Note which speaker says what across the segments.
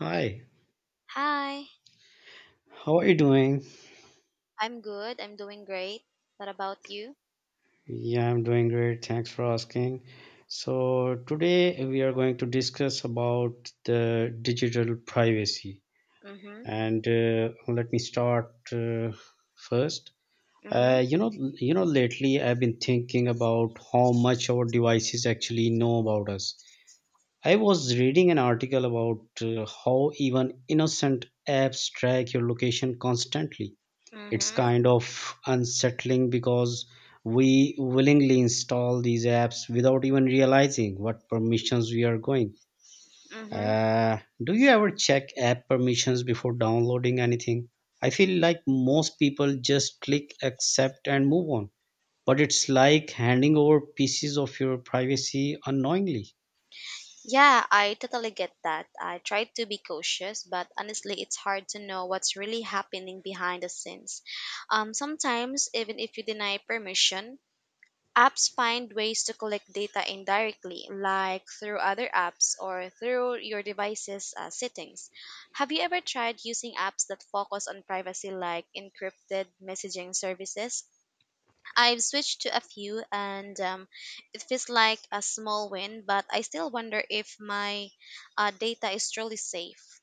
Speaker 1: Hi,
Speaker 2: Hi,
Speaker 1: how are you doing?
Speaker 2: I'm good. I'm doing great. What about you?
Speaker 1: Yeah, I'm doing great. Thanks for asking. So, today we are going to discuss about the digital privacy.
Speaker 2: Mhm.
Speaker 1: And let me start first.
Speaker 2: Mhm.
Speaker 1: Lately I've been thinking about how much our devices actually know about us. I was reading an article about how even innocent apps track your location constantly. It's
Speaker 2: Mhm.
Speaker 1: kind of unsettling because we willingly install these apps without even realizing what permissions we are going.
Speaker 2: Mhm.
Speaker 1: Do you ever check app permissions before downloading anything? I feel like most people just click accept and move on, but it's like handing over pieces of your privacy unknowingly.
Speaker 2: Yeah, I totally get that. I try to be cautious, but honestly, it's hard to know what's really happening behind the scenes. Sometimes even if you deny permission, apps find ways to collect data indirectly, like through other apps or through your device's settings. Have you ever tried using apps that focus on privacy like encrypted messaging services? I've switched to a few, and it feels like a small win, but I still wonder if my data is truly safe.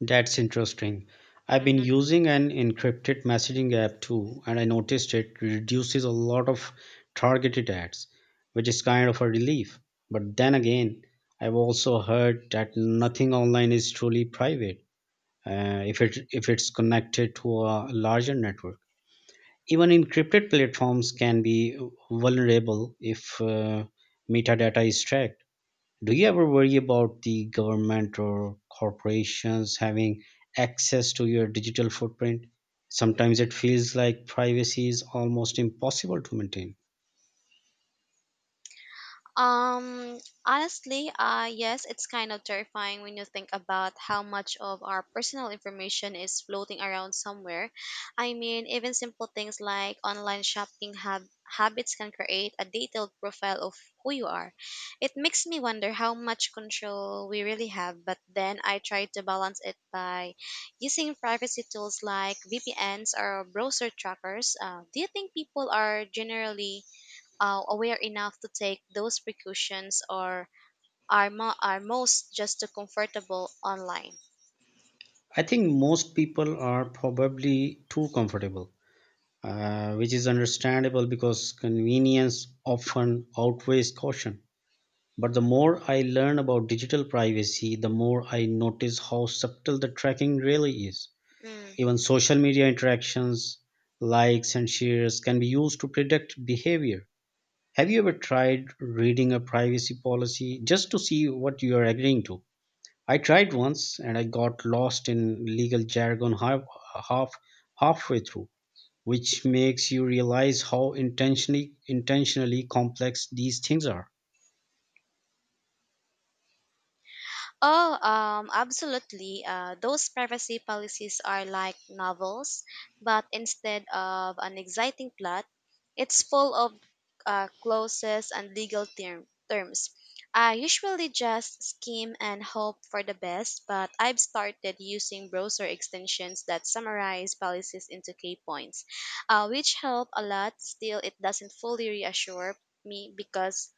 Speaker 1: That's interesting. I've been
Speaker 2: Mhm.
Speaker 1: using an encrypted messaging app too, and I noticed it reduces a lot of targeted ads, which is kind of a relief. But then again, I've also heard that nothing online is truly private if it's connected to a larger network. Even encrypted platforms can be vulnerable if metadata is tracked. Do you ever worry about the government or corporations having access to your digital footprint? Sometimes it feels like privacy is almost impossible to maintain.
Speaker 2: Um, honestly, yes, it's kind of terrifying when you think about how much of our personal information is floating around somewhere. I mean, even simple things like online shopping habits can create a detailed profile of who you are. It makes me wonder how much control we really have, but then I try to balance it by using privacy tools like VPNs or browser trackers. Do you think people are generally aware enough to take those precautions, or are most just too comfortable online?
Speaker 1: I think most people are probably too comfortable, which is understandable because convenience often outweighs caution. But the more I learn about digital privacy, the more I notice how subtle the tracking really is.
Speaker 2: Mm.
Speaker 1: Even social media interactions, likes, and shares can be used to predict behavior. Have you ever tried reading a privacy policy just to see what you are agreeing to? I tried once and I got lost in legal jargon half halfway through, which makes you realize how intentionally complex these things are.
Speaker 2: Oh, Absolutely. Those privacy policies are like novels, but instead of an exciting plot, it's full of clauses and legal terms. I usually just skim and hope for the best, but I've started using browser extensions that summarize policies into key points, which help a lot. Still, it doesn't fully reassure me because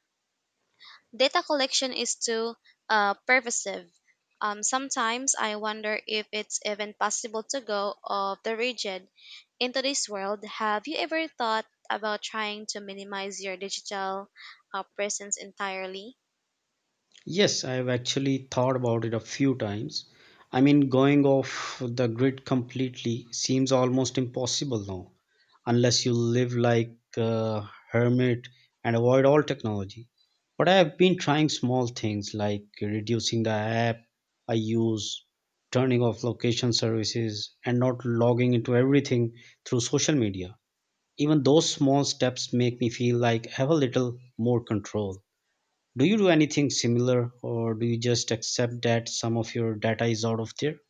Speaker 2: data collection is too pervasive. Sometimes I wonder if it's even possible to go off the rigid into this world. Have you ever thought about trying to minimize your digital presence entirely?
Speaker 1: Yes, I've actually thought about it a few times. I mean, going off the grid completely seems almost impossible now, unless you live like a hermit and avoid all technology. But I have been trying small things like reducing the app I use, turning off location services, and not logging into everything through social media. Even those small steps make me feel like I have a little more control. Do you do anything similar, or do you just accept that some of your data is out of there?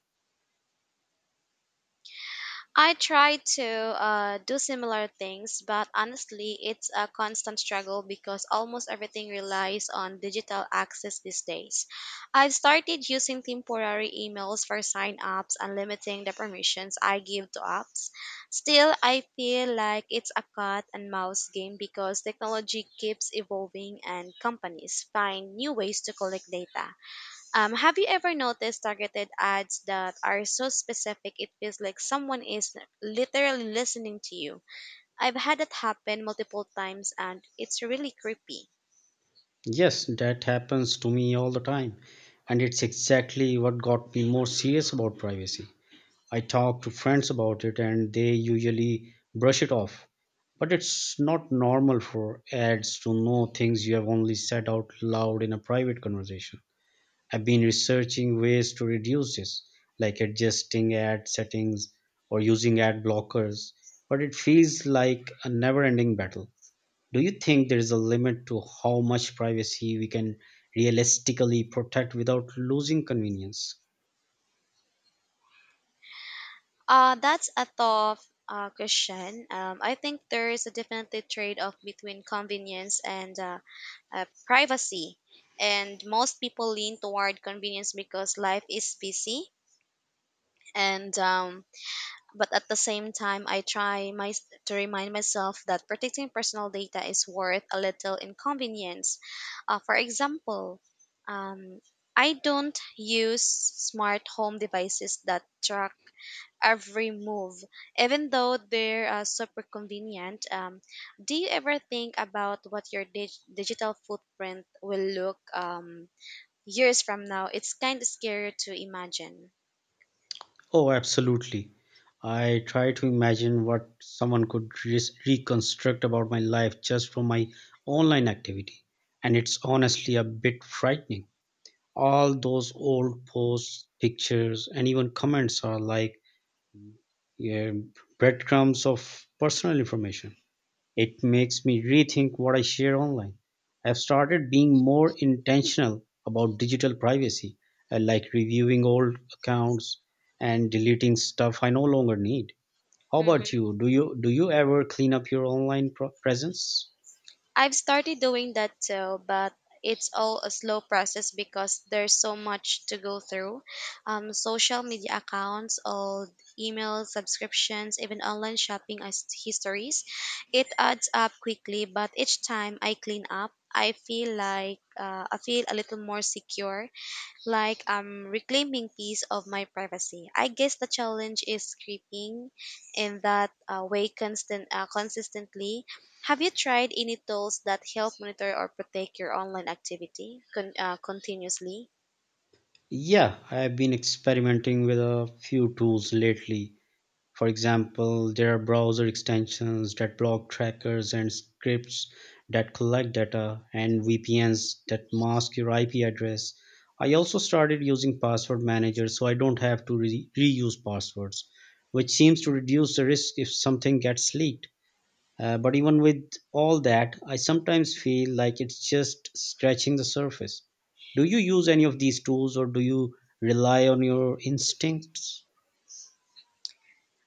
Speaker 2: I try to do similar things, but honestly, it's a constant struggle because almost everything relies on digital access these days. I've started using temporary emails for sign ups and limiting the permissions I give to apps. Still, I feel like it's a cat and mouse game because technology keeps evolving and companies find new ways to collect data. Have you ever noticed targeted ads that are so specific it feels like someone is literally listening to you? I've had that happen multiple times and it's really creepy.
Speaker 1: Yes, that happens to me all the time. And it's exactly what got me more serious about privacy. I talk to friends about it and they usually brush it off. But it's not normal for ads to know things you have only said out loud in a private conversation. I've been researching ways to reduce this, like adjusting ad settings or using ad blockers, but it feels like a never ending battle. Do you think there is a limit to how much privacy we can realistically protect without losing convenience?
Speaker 2: That's a tough question. I think there is a definitely trade off between convenience and privacy. And most people lean toward convenience because life is busy and but at the same time I try to remind myself that protecting personal data is worth a little inconvenience. For example, um, I don't use smart home devices that track every move even though they're super convenient. Do you ever think about what your digital footprint will look years from now? It's kind of scary to imagine.
Speaker 1: Oh, absolutely. I try to imagine what someone could reconstruct about my life just from my online activity, and it's honestly a bit frightening. All those old posts, pictures, and even comments are like, yeah, breadcrumbs of personal information. It makes me rethink what I share online. I've started being more intentional about digital privacy. I like reviewing old accounts and deleting stuff I no longer need. How about you? Do you ever clean up your online presence?
Speaker 2: I've started doing that too, but it's all a slow process because there's so much to go through. Social media accounts, old email subscriptions, even online shopping histories. It adds up quickly, but each time I clean up, I feel like I feel a little more secure, like I'm reclaiming piece of my privacy. I guess the challenge is creeping in that way constant consistently. Have you tried any tools that help monitor or protect your online activity continuously?
Speaker 1: Yeah, I've been experimenting with a few tools lately. For example, there are browser extensions that block trackers and scripts that collect data, and VPNs that mask your IP address. I also started using password managers so I don't have to reuse passwords, which seems to reduce the risk if something gets leaked. But even with all that, I sometimes feel like it's just scratching the surface. Do you use any of these tools, or do you rely on your instincts?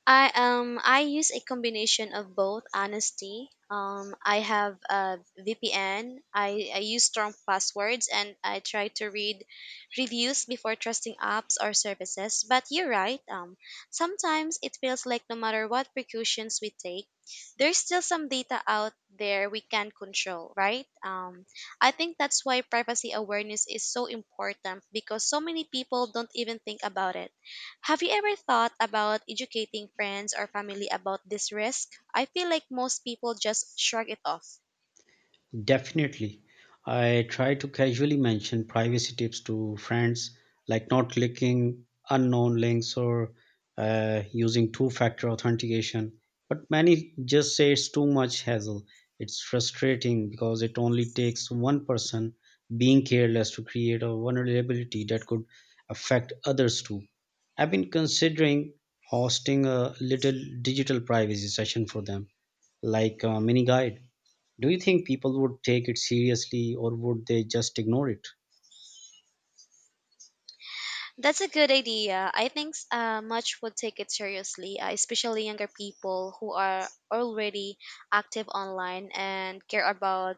Speaker 2: I use a combination of both. Honesty, I have a VPN. I use strong passwords, and I try to read reviews before trusting apps or services. But you're right. Sometimes it feels like no matter what precautions we take, there's still some data out there we can't control. Right. I think that's why privacy awareness is so important because so many people don't even think about it. Have you ever thought about educating friends or family about this risk? I feel like most people just shrug it off.
Speaker 1: Definitely. I try to casually mention privacy tips to friends, like not clicking unknown links or using two factor authentication. But many just say it's too much hassle. It's frustrating because it only takes one person being careless to create a vulnerability that could affect others too. I've been considering hosting a little digital privacy session for them, like a mini guide. Do you think people would take it seriously, or would they just ignore it?
Speaker 2: That's a good idea. I think much would take it seriously, especially younger people who are already active online and care about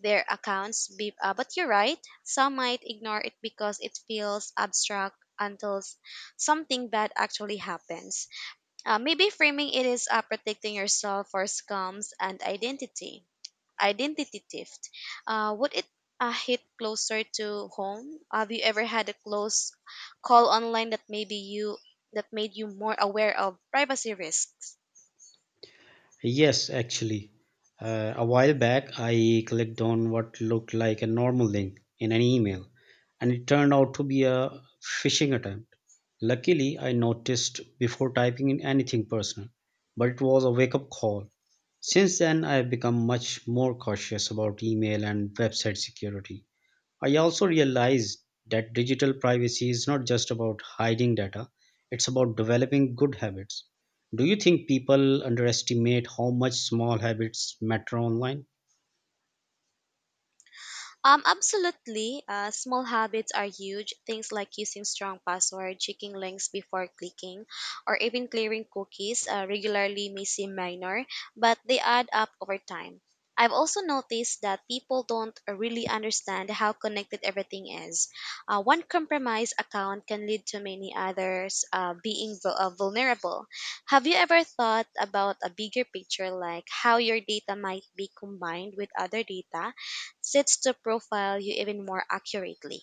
Speaker 2: their accounts. But you're right, some might ignore it because it feels abstract until something bad actually happens. Maybe framing it is protecting yourself for scams and identity. Identity theft. Would it hit closer to home? Have you ever had a close call online that maybe you that made you more aware of privacy risks?
Speaker 1: Yes, actually. A while back, I clicked on what looked like a normal link in an email, and it turned out to be a phishing attempt. Luckily, I noticed before typing in anything personal, but it was a wake up call. Since then, I have become much more cautious about email and website security. I also realized that digital privacy is not just about hiding data, it's about developing good habits. Do you think people underestimate how much small habits matter online?
Speaker 2: Absolutely. Small habits are huge. Things like using strong password, checking links before clicking, or even clearing cookies regularly may seem minor, but they add up over time. I've also noticed that people don't really understand how connected everything is. One compromised account can lead to many others being vulnerable. Have you ever thought about a bigger picture, like how your data might be combined with other data sits to profile you even more accurately?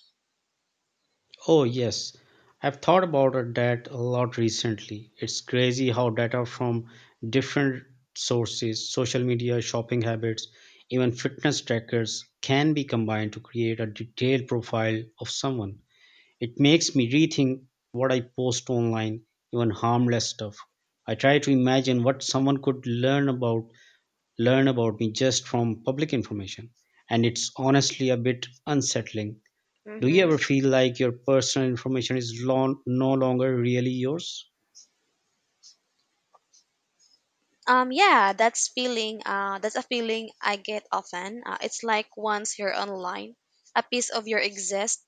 Speaker 1: Oh, yes. I've thought about it that a lot recently. It's crazy how data from different sources, social media, shopping habits, even fitness trackers, can be combined to create a detailed profile of someone. It makes me rethink what I post online, even harmless stuff. I try to imagine what someone could learn about me just from public information, and it's honestly a bit unsettling. Do you
Speaker 2: Mm-hmm.
Speaker 1: ever feel like your personal information is no longer really yours?
Speaker 2: Yeah, that's feeling. That's a feeling I get often. It's like once you're online, a piece of your exists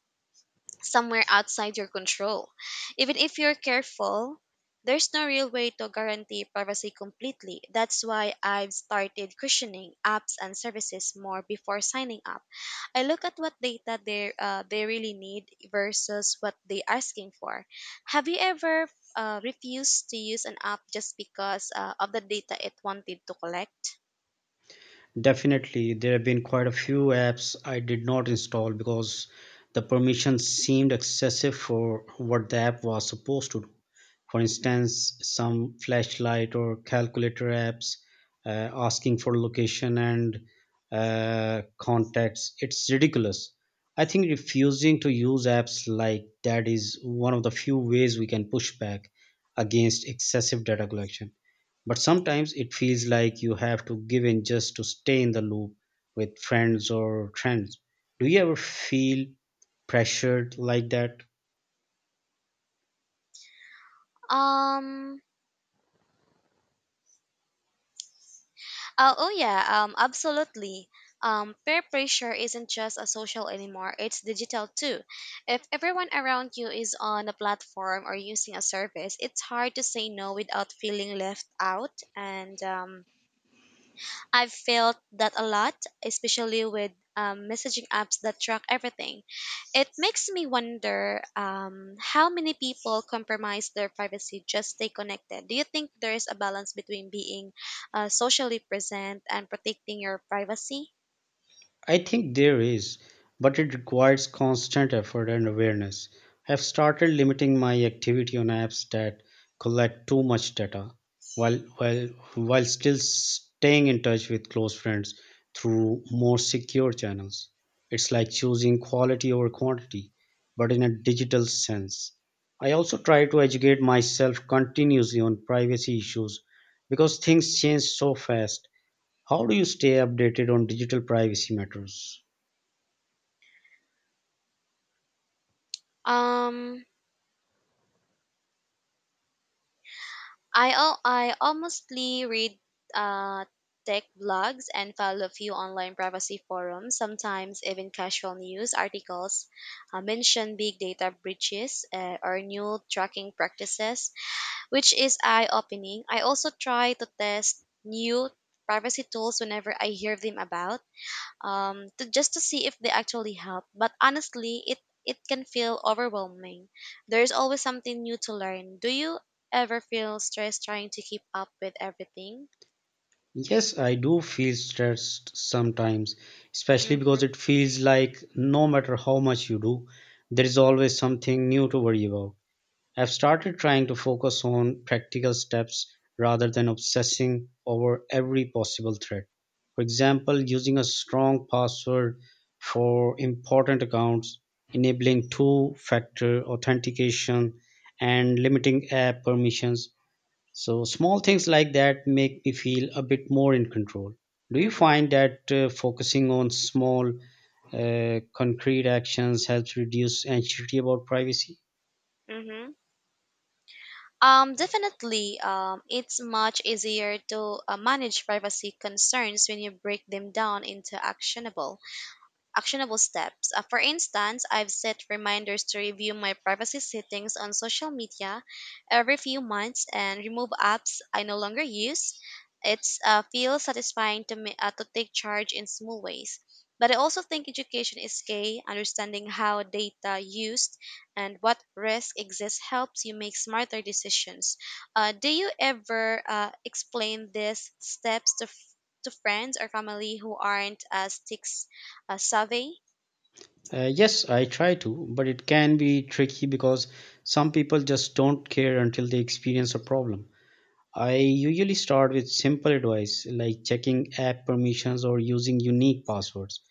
Speaker 2: somewhere outside your control. Even if you're careful, there's no real way to guarantee privacy completely. That's why I've started questioning apps and services more before signing up. I look at what data they really need versus what they're asking for. Have you ever refused to use an app just because of the data it wanted to collect?
Speaker 1: Definitely, there have been quite a few apps I did not install because the permissions seemed excessive for what the app was supposed to do. For instance, some flashlight or calculator apps asking for location and contacts. It's ridiculous. I think refusing to use apps like that is one of the few ways we can push back against excessive data collection. But sometimes it feels like you have to give in just to stay in the loop with friends or trends. Do you ever feel pressured like that?
Speaker 2: Um. Oh yeah. Absolutely. Peer pressure isn't just a social anymore. It's digital too. If everyone around you is on a platform or using a service, it's hard to say no without feeling left out. And I've felt that a lot, especially with messaging apps that track everything. It makes me wonder how many people compromise their privacy just stay connected. Do you think there is a balance between being socially present and protecting your privacy?
Speaker 1: I think there is, but it requires constant effort and awareness. I've started limiting my activity on apps that collect too much data while while while still staying in touch with close friends through more secure channels. It's like choosing quality over quantity, but in a digital sense. I also try to educate myself continuously on privacy issues because things change so fast. How do you stay updated on digital privacy matters?
Speaker 2: Um, I honestly read uh, tech blogs and follow a few online privacy forums. Sometimes even casual news articles mention big data breaches or new tracking practices, which is eye opening. I also try to test new privacy tools whenever I hear them about, to just to see if they actually help. But honestly, it can feel overwhelming. There is always something new to learn. Do you ever feel stressed trying to keep up with everything?
Speaker 1: Yes, I do feel stressed sometimes, especially
Speaker 2: Mm-hmm,
Speaker 1: because it feels like no matter how much you do, there is always something new to worry about. I've started trying to focus on practical steps rather than obsessing over every possible threat. For example, using a strong password for important accounts, enabling two factor authentication, and limiting app permissions. So small things like that make me feel a bit more in control. Do you
Speaker 2: mm-hmm,
Speaker 1: find that focusing on small, concrete actions helps reduce anxiety about privacy?
Speaker 2: mm-hmm. Definitely. It's much easier to manage privacy concerns when you break them down into actionable steps. For instance, I've set reminders to review my privacy settings on social media every few months and remove apps I no longer use. It's feels satisfying to me to take charge in small ways. But I also think education is key. Understanding how data used and what risk exists helps you make smarter decisions. Do you ever explain these steps to, to friends or family who aren't as tech a survey.
Speaker 1: Yes, I try to, but it can be tricky because some people just don't care until they experience a problem. I usually start with simple advice like checking app permissions or using unique passwords.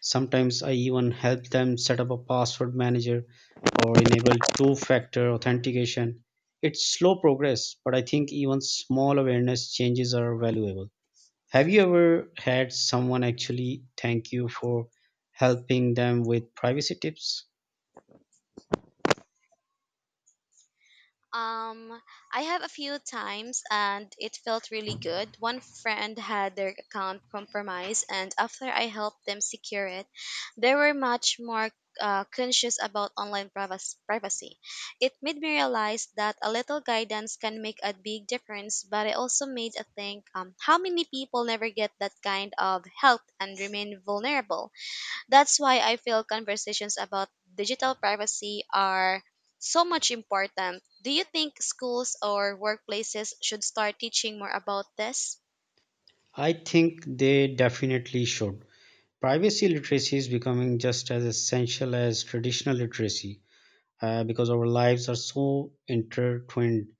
Speaker 1: Sometimes I even help them set up a password manager or enable two factor authentication. It's slow progress, but I think even small awareness changes are valuable. Have you ever had someone actually thank you for helping them with privacy tips?
Speaker 2: Um, I have a few times and it felt really good. One friend had their account compromised, and after I helped them secure it, they were much more conscious about online privacy. It made me realize that a little guidance can make a big difference, but it also made me think how many people never get that kind of help and remain vulnerable. That's why I feel conversations about digital privacy are so much important. Do you think schools or workplaces should start teaching more about this?
Speaker 1: I think they definitely should. Privacy literacy is becoming just as essential as traditional literacy because our lives are so intertwined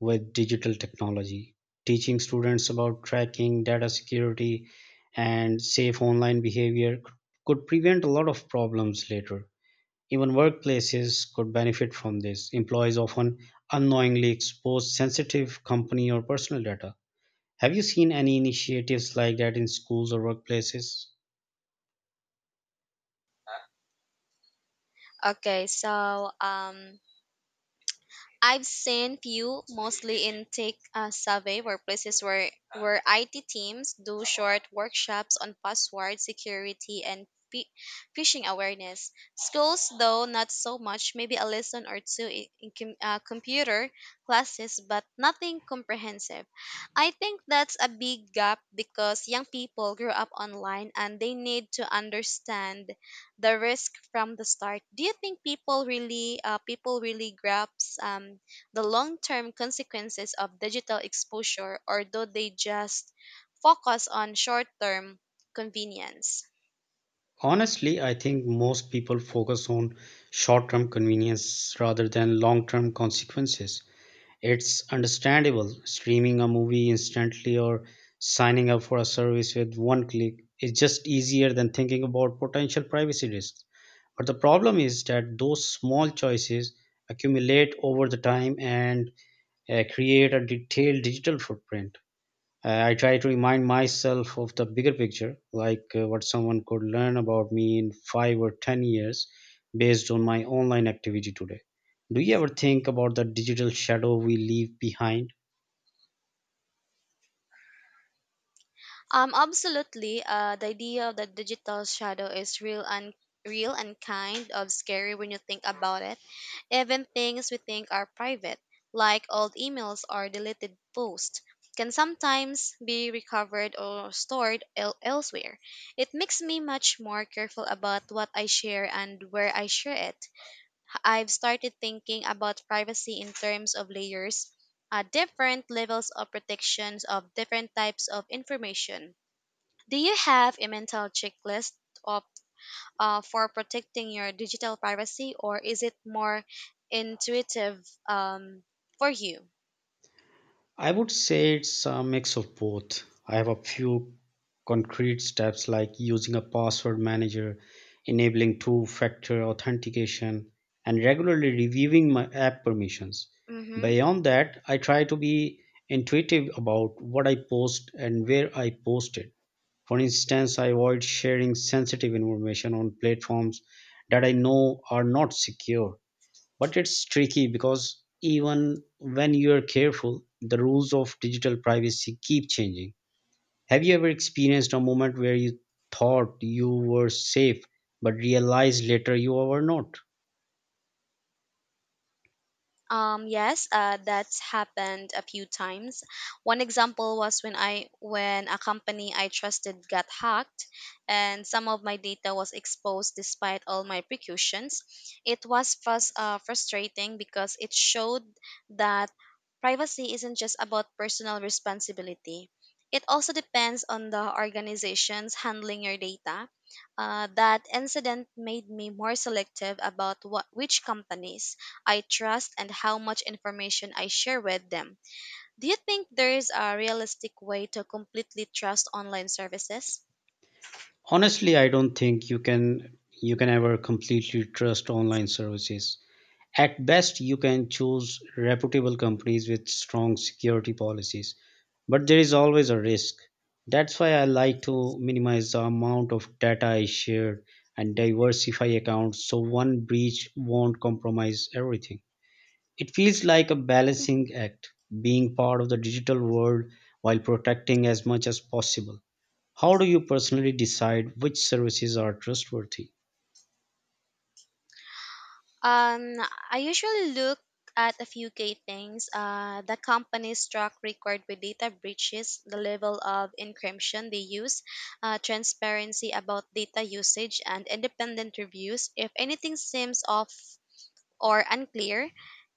Speaker 1: with digital technology. Teaching students about tracking, data security, and safe online behavior could prevent a lot of problems later. Even workplaces could benefit from this. Employees often unknowingly expose sensitive company or personal data. Have you seen any initiatives like that in schools or workplaces?
Speaker 2: Okay, so I've seen few, mostly in tech survey workplaces where IT teams do short workshops on password security and phishing awareness. Schools, though not so much, maybe a lesson or two in computer classes, but nothing comprehensive. I think that's a big gap because young people grew up online and they need to understand the risk from the start. Do you think people really grasp um, the long term consequences of digital exposure, or do they just focus on short term convenience?
Speaker 1: Honestly, I think most people focus on short term convenience rather than long term consequences. It's understandable. Streaming a movie instantly or signing up for a service with one click is just easier than thinking about potential privacy risks. But the problem is that those small choices accumulate over the time and create a detailed digital footprint. I try to remind myself of the bigger picture, like what someone could learn about me in 5 or 10 years based on my online activity today. Do you ever think about the digital shadow we leave behind?
Speaker 2: Absolutely. The idea of the digital shadow is real and kind of scary when you think about it. Even things we think are private, like old emails or deleted posts, can sometimes be recovered or stored elsewhere. It makes me much more careful about what I share and where I share it. I've started thinking about privacy in terms of layers, different levels of protections of different types of information. Do you have a mental checklist of, for protecting your digital privacy, or is it more intuitive um, for you?
Speaker 1: I would say it's a mix of both. I have a few concrete steps like using a password manager, enabling two factor authentication, and regularly reviewing my app permissions.
Speaker 2: Mm-hmm.
Speaker 1: Beyond that, I try to be intuitive about what I post and where I post it. For instance, I avoid sharing sensitive information on platforms that I know are not secure, but it's tricky because even when you're careful, the rules of digital privacy keep changing. Have you ever experienced a moment where you thought you were safe but realized later you were not?
Speaker 2: Yes, that's happened a few times. One example was when a company I trusted got hacked, and some of my data was exposed despite all my precautions. It was frustrating because it showed that privacy isn't just about personal responsibility. It also depends on the organizations handling your data. That incident made me more selective about what which companies I trust and how much information I share with them. Do you think there's a realistic way to completely trust online services?
Speaker 1: Honestly, I don't think you can ever completely trust online services. At best, you can choose reputable companies with strong security policies, but there is always a risk. That's why I like to minimize the amount of data I share and diversify accounts so one breach won't compromise everything. It feels like a balancing act, being part of the digital world while protecting as much as possible. How do you personally decide which services are trustworthy?
Speaker 2: Um, I usually look at a few key things. The company's track record with data breaches, the level of encryption they use, transparency about data usage, and independent reviews. If anything seems off or unclear,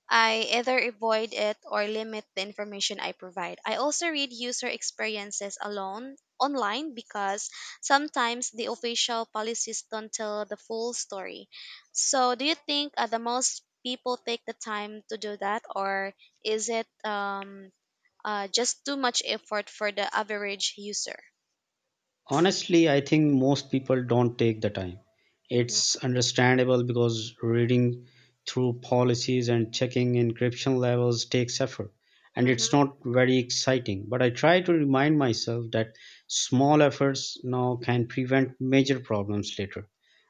Speaker 2: I either avoid it or limit the information I provide. I also read user experiences alone online because sometimes the official policies don't tell the full story. So, do you think the most people take the time to do that, or is it just too much effort for the average user?
Speaker 1: Honestly, I think most people don't take the time. It's
Speaker 2: Hmm
Speaker 1: understandable because reading through policies and checking encryption levels takes effort, and it's
Speaker 2: hmm
Speaker 1: not very exciting. But I try to remind myself that small efforts now can prevent major problems later,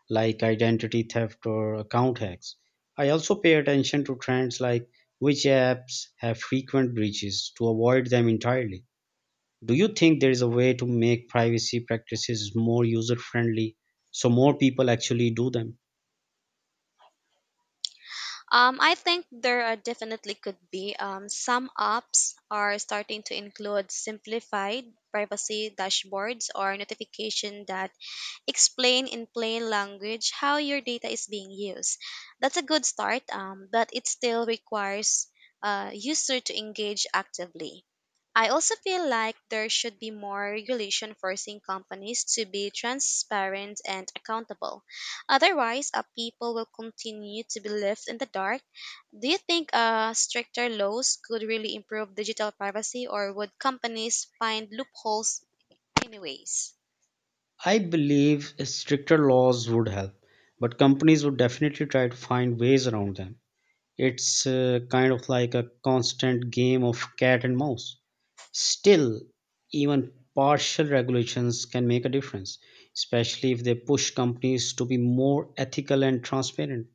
Speaker 1: like identity theft or account hacks. I also pay attention to trends like which apps have frequent breaches to avoid them entirely. Do you think there is a way to make privacy practices more user friendly so more people actually do them?
Speaker 2: I think there are definitely could be some apps are starting to include simplified privacy dashboards or notification that explain in plain language how your data is being used. That's a good start, but it still requires a user to engage actively. I also feel like there should be more regulation forcing companies to be transparent and accountable. Otherwise, people will continue to be left in the dark. Do you think stricter laws could really improve digital privacy, or would companies find loopholes anyways?
Speaker 1: I believe stricter laws would help, but companies would definitely try to find ways around them. It's kind of like a constant game of cat and mouse. Still, even partial regulations can make a difference, especially if they push companies to be more ethical and transparent.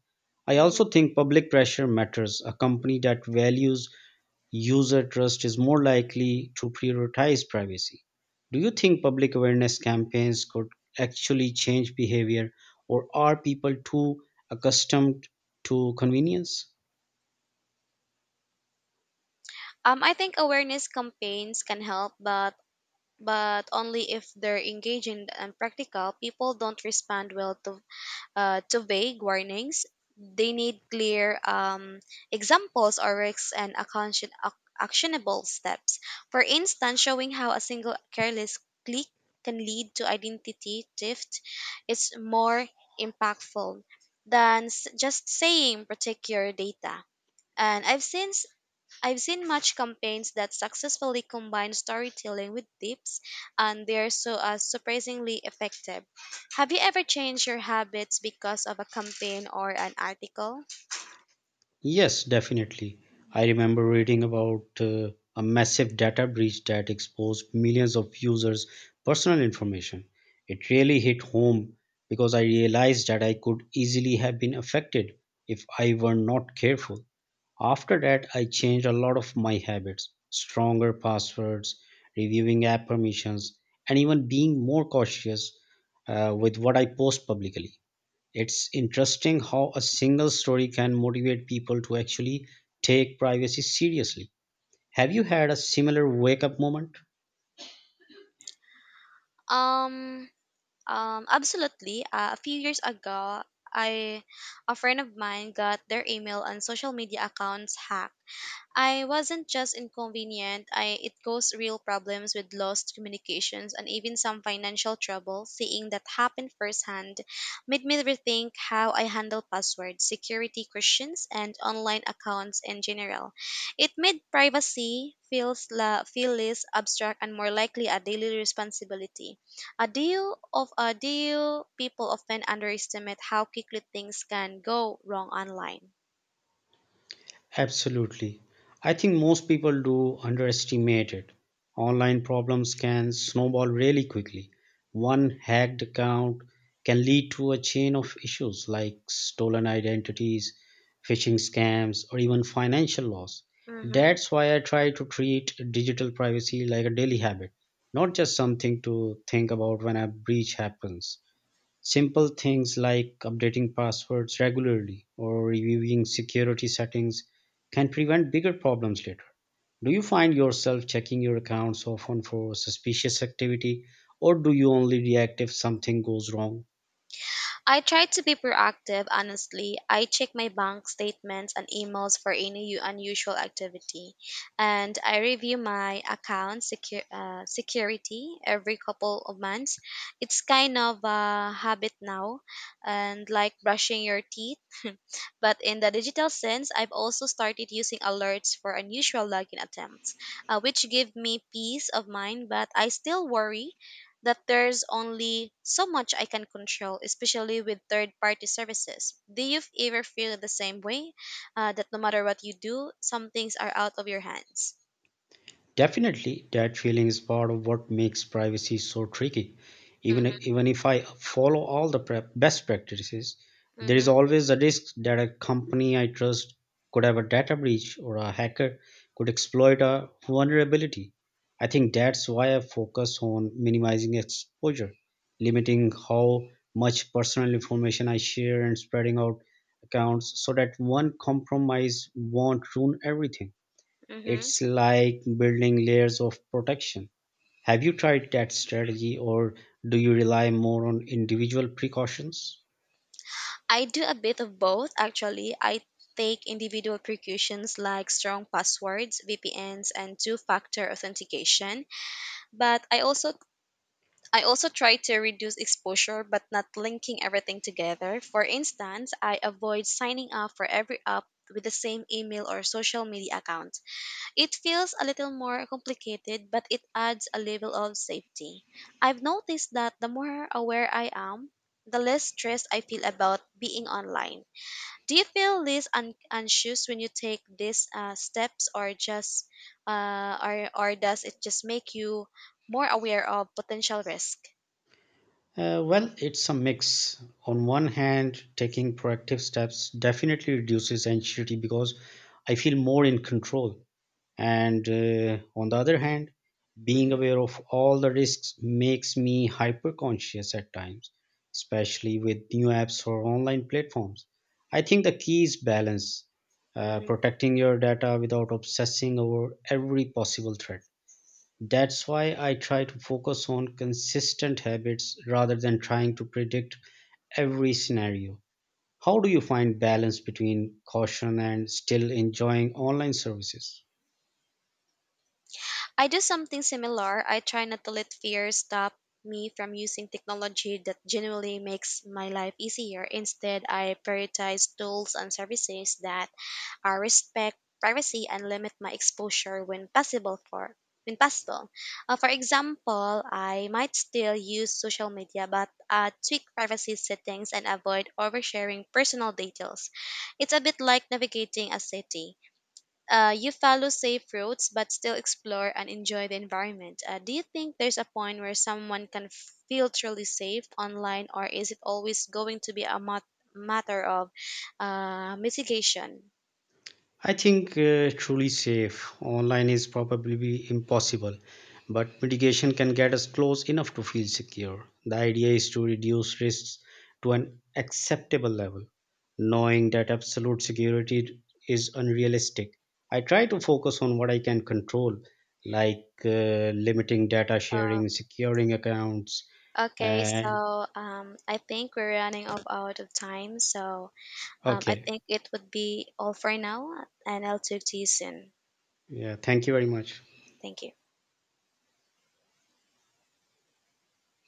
Speaker 1: I also think public pressure matters. A company that values user trust is more likely to prioritize privacy. Do you think public awareness campaigns could actually change behavior, or are people too accustomed to convenience?
Speaker 2: I think awareness campaigns can help, but only if they're engaging and practical. People don't respond well to vague warnings. They need clear examples or risks and actionable steps. For instance, showing how a single careless click can lead to identity theft is more impactful than just saying protect your data. And I've seen much campaigns that successfully combine storytelling with tips, and they're so surprisingly effective. Have you ever changed your habits because of a campaign or an article?
Speaker 1: Yes, definitely. I remember reading about a massive data breach that exposed millions of users' personal information. It really hit home because I realized that I could easily have been affected if I were not careful. After that, I changed a lot of my habits stronger passwords, reviewing app permissions, and even being more cautious with what I post publicly. It's interesting how a single story can motivate people to actually take privacy seriously. Have you had a similar wake up moment?
Speaker 2: Um, Absolutely. A few years ago, I a friend of mine got their email and social media accounts hacked. I wasn't just inconvenient, I it caused real problems with lost communications and even some financial trouble. Seeing that happen firsthand made me rethink how I handle passwords, security questions, and online accounts in general. It made privacy feel less abstract and more likely a daily responsibility. A deal of a deal People often underestimate how quickly things can go wrong online.
Speaker 1: Absolutely. I think most people do underestimate it. Online problems can snowball really quickly. One hacked account can lead to a chain of issues like stolen identities, phishing scams, or even financial loss.
Speaker 2: Mm-hmm.
Speaker 1: That's why I try to treat digital privacy like a daily habit, not just something to think about when a breach happens. Simple things like updating passwords regularly or reviewing security settings can prevent bigger problems later. Do you find yourself checking your accounts often for suspicious activity, or do you only react if something goes wrong?
Speaker 2: I try to be proactive, honestly. I check my bank statements and emails for any unusual activity. And I review my account security every couple of months. It's kind of a habit now, and like brushing your teeth. But in the digital sense, I've also started using alerts for unusual login attempts, which give me peace of mind, but I still worry that there's only so much I can control, especially with third party services. Do you ever feel the same way? That no matter what you do, some things are out of your hands?
Speaker 1: Definitely, that feeling is part of what makes privacy so tricky. Even
Speaker 2: Mm-hmm,
Speaker 1: even if I follow all the best practices, there is
Speaker 2: mm-hmm,
Speaker 1: always a risk that a company I trust could have a data breach or a hacker could exploit a vulnerability. I think that's why I focus on minimizing exposure, limiting how much personal information I share and spreading out accounts so that one compromise won't ruin everything.
Speaker 2: mm-hmm.
Speaker 1: It's like building layers of protection. Have you tried that strategy or do you rely more on individual precautions?
Speaker 2: I do a bit of both actually. I take individual precautions like strong passwords, VPNs, and two factor authentication. But I also try to reduce exposure but not linking everything together. For instance, I avoid signing up for every app with the same email or social media account. It feels a little more complicated, but it adds a level of safety. I've noticed that the more aware I am, the less stressed I feel about being online. Do you feel anxious when you take these steps, or does it just make you more aware of potential risk?
Speaker 1: Well, it's a mix. On one hand, taking proactive steps definitely reduces anxiety because I feel more in control. And on the other hand, being
Speaker 2: Hmm
Speaker 1: aware of all the risks makes me hyper conscious at times, especially with new apps or online platforms. I think the key is balance,
Speaker 2: hmm
Speaker 1: protecting your data without obsessing over every possible threat. That's why I try to focus on consistent habits rather than trying to predict every scenario. How do you find balance between caution and still enjoying online services?
Speaker 2: I do something similar. I try not to let fear stop me from using technology that genuinely makes my life easier. Instead, I prioritize tools and services that I respect privacy and limit my exposure when possible. For example, I might still use social media but tweak privacy settings and avoid oversharing personal details. It's a bit like navigating a city. You follow safe routes but still explore and enjoy the environment. Do you think there's a point where someone can feel truly safe online or is it always going to be a matter of mitigation?
Speaker 1: I think truly safe online is probably be impossible, but mitigation can get us close enough to feel secure. The idea is to reduce risks to an acceptable level, knowing that absolute security is unrealistic. I try to focus on what I can control, like limiting data
Speaker 2: Uh,
Speaker 1: sharing, securing accounts,
Speaker 2: Okay,
Speaker 1: and
Speaker 2: so I think we're running up out of time, so I
Speaker 1: okay,
Speaker 2: think it would be all for now, and I'll talk to you soon.
Speaker 1: yeah, thank you very much.
Speaker 2: Thank you.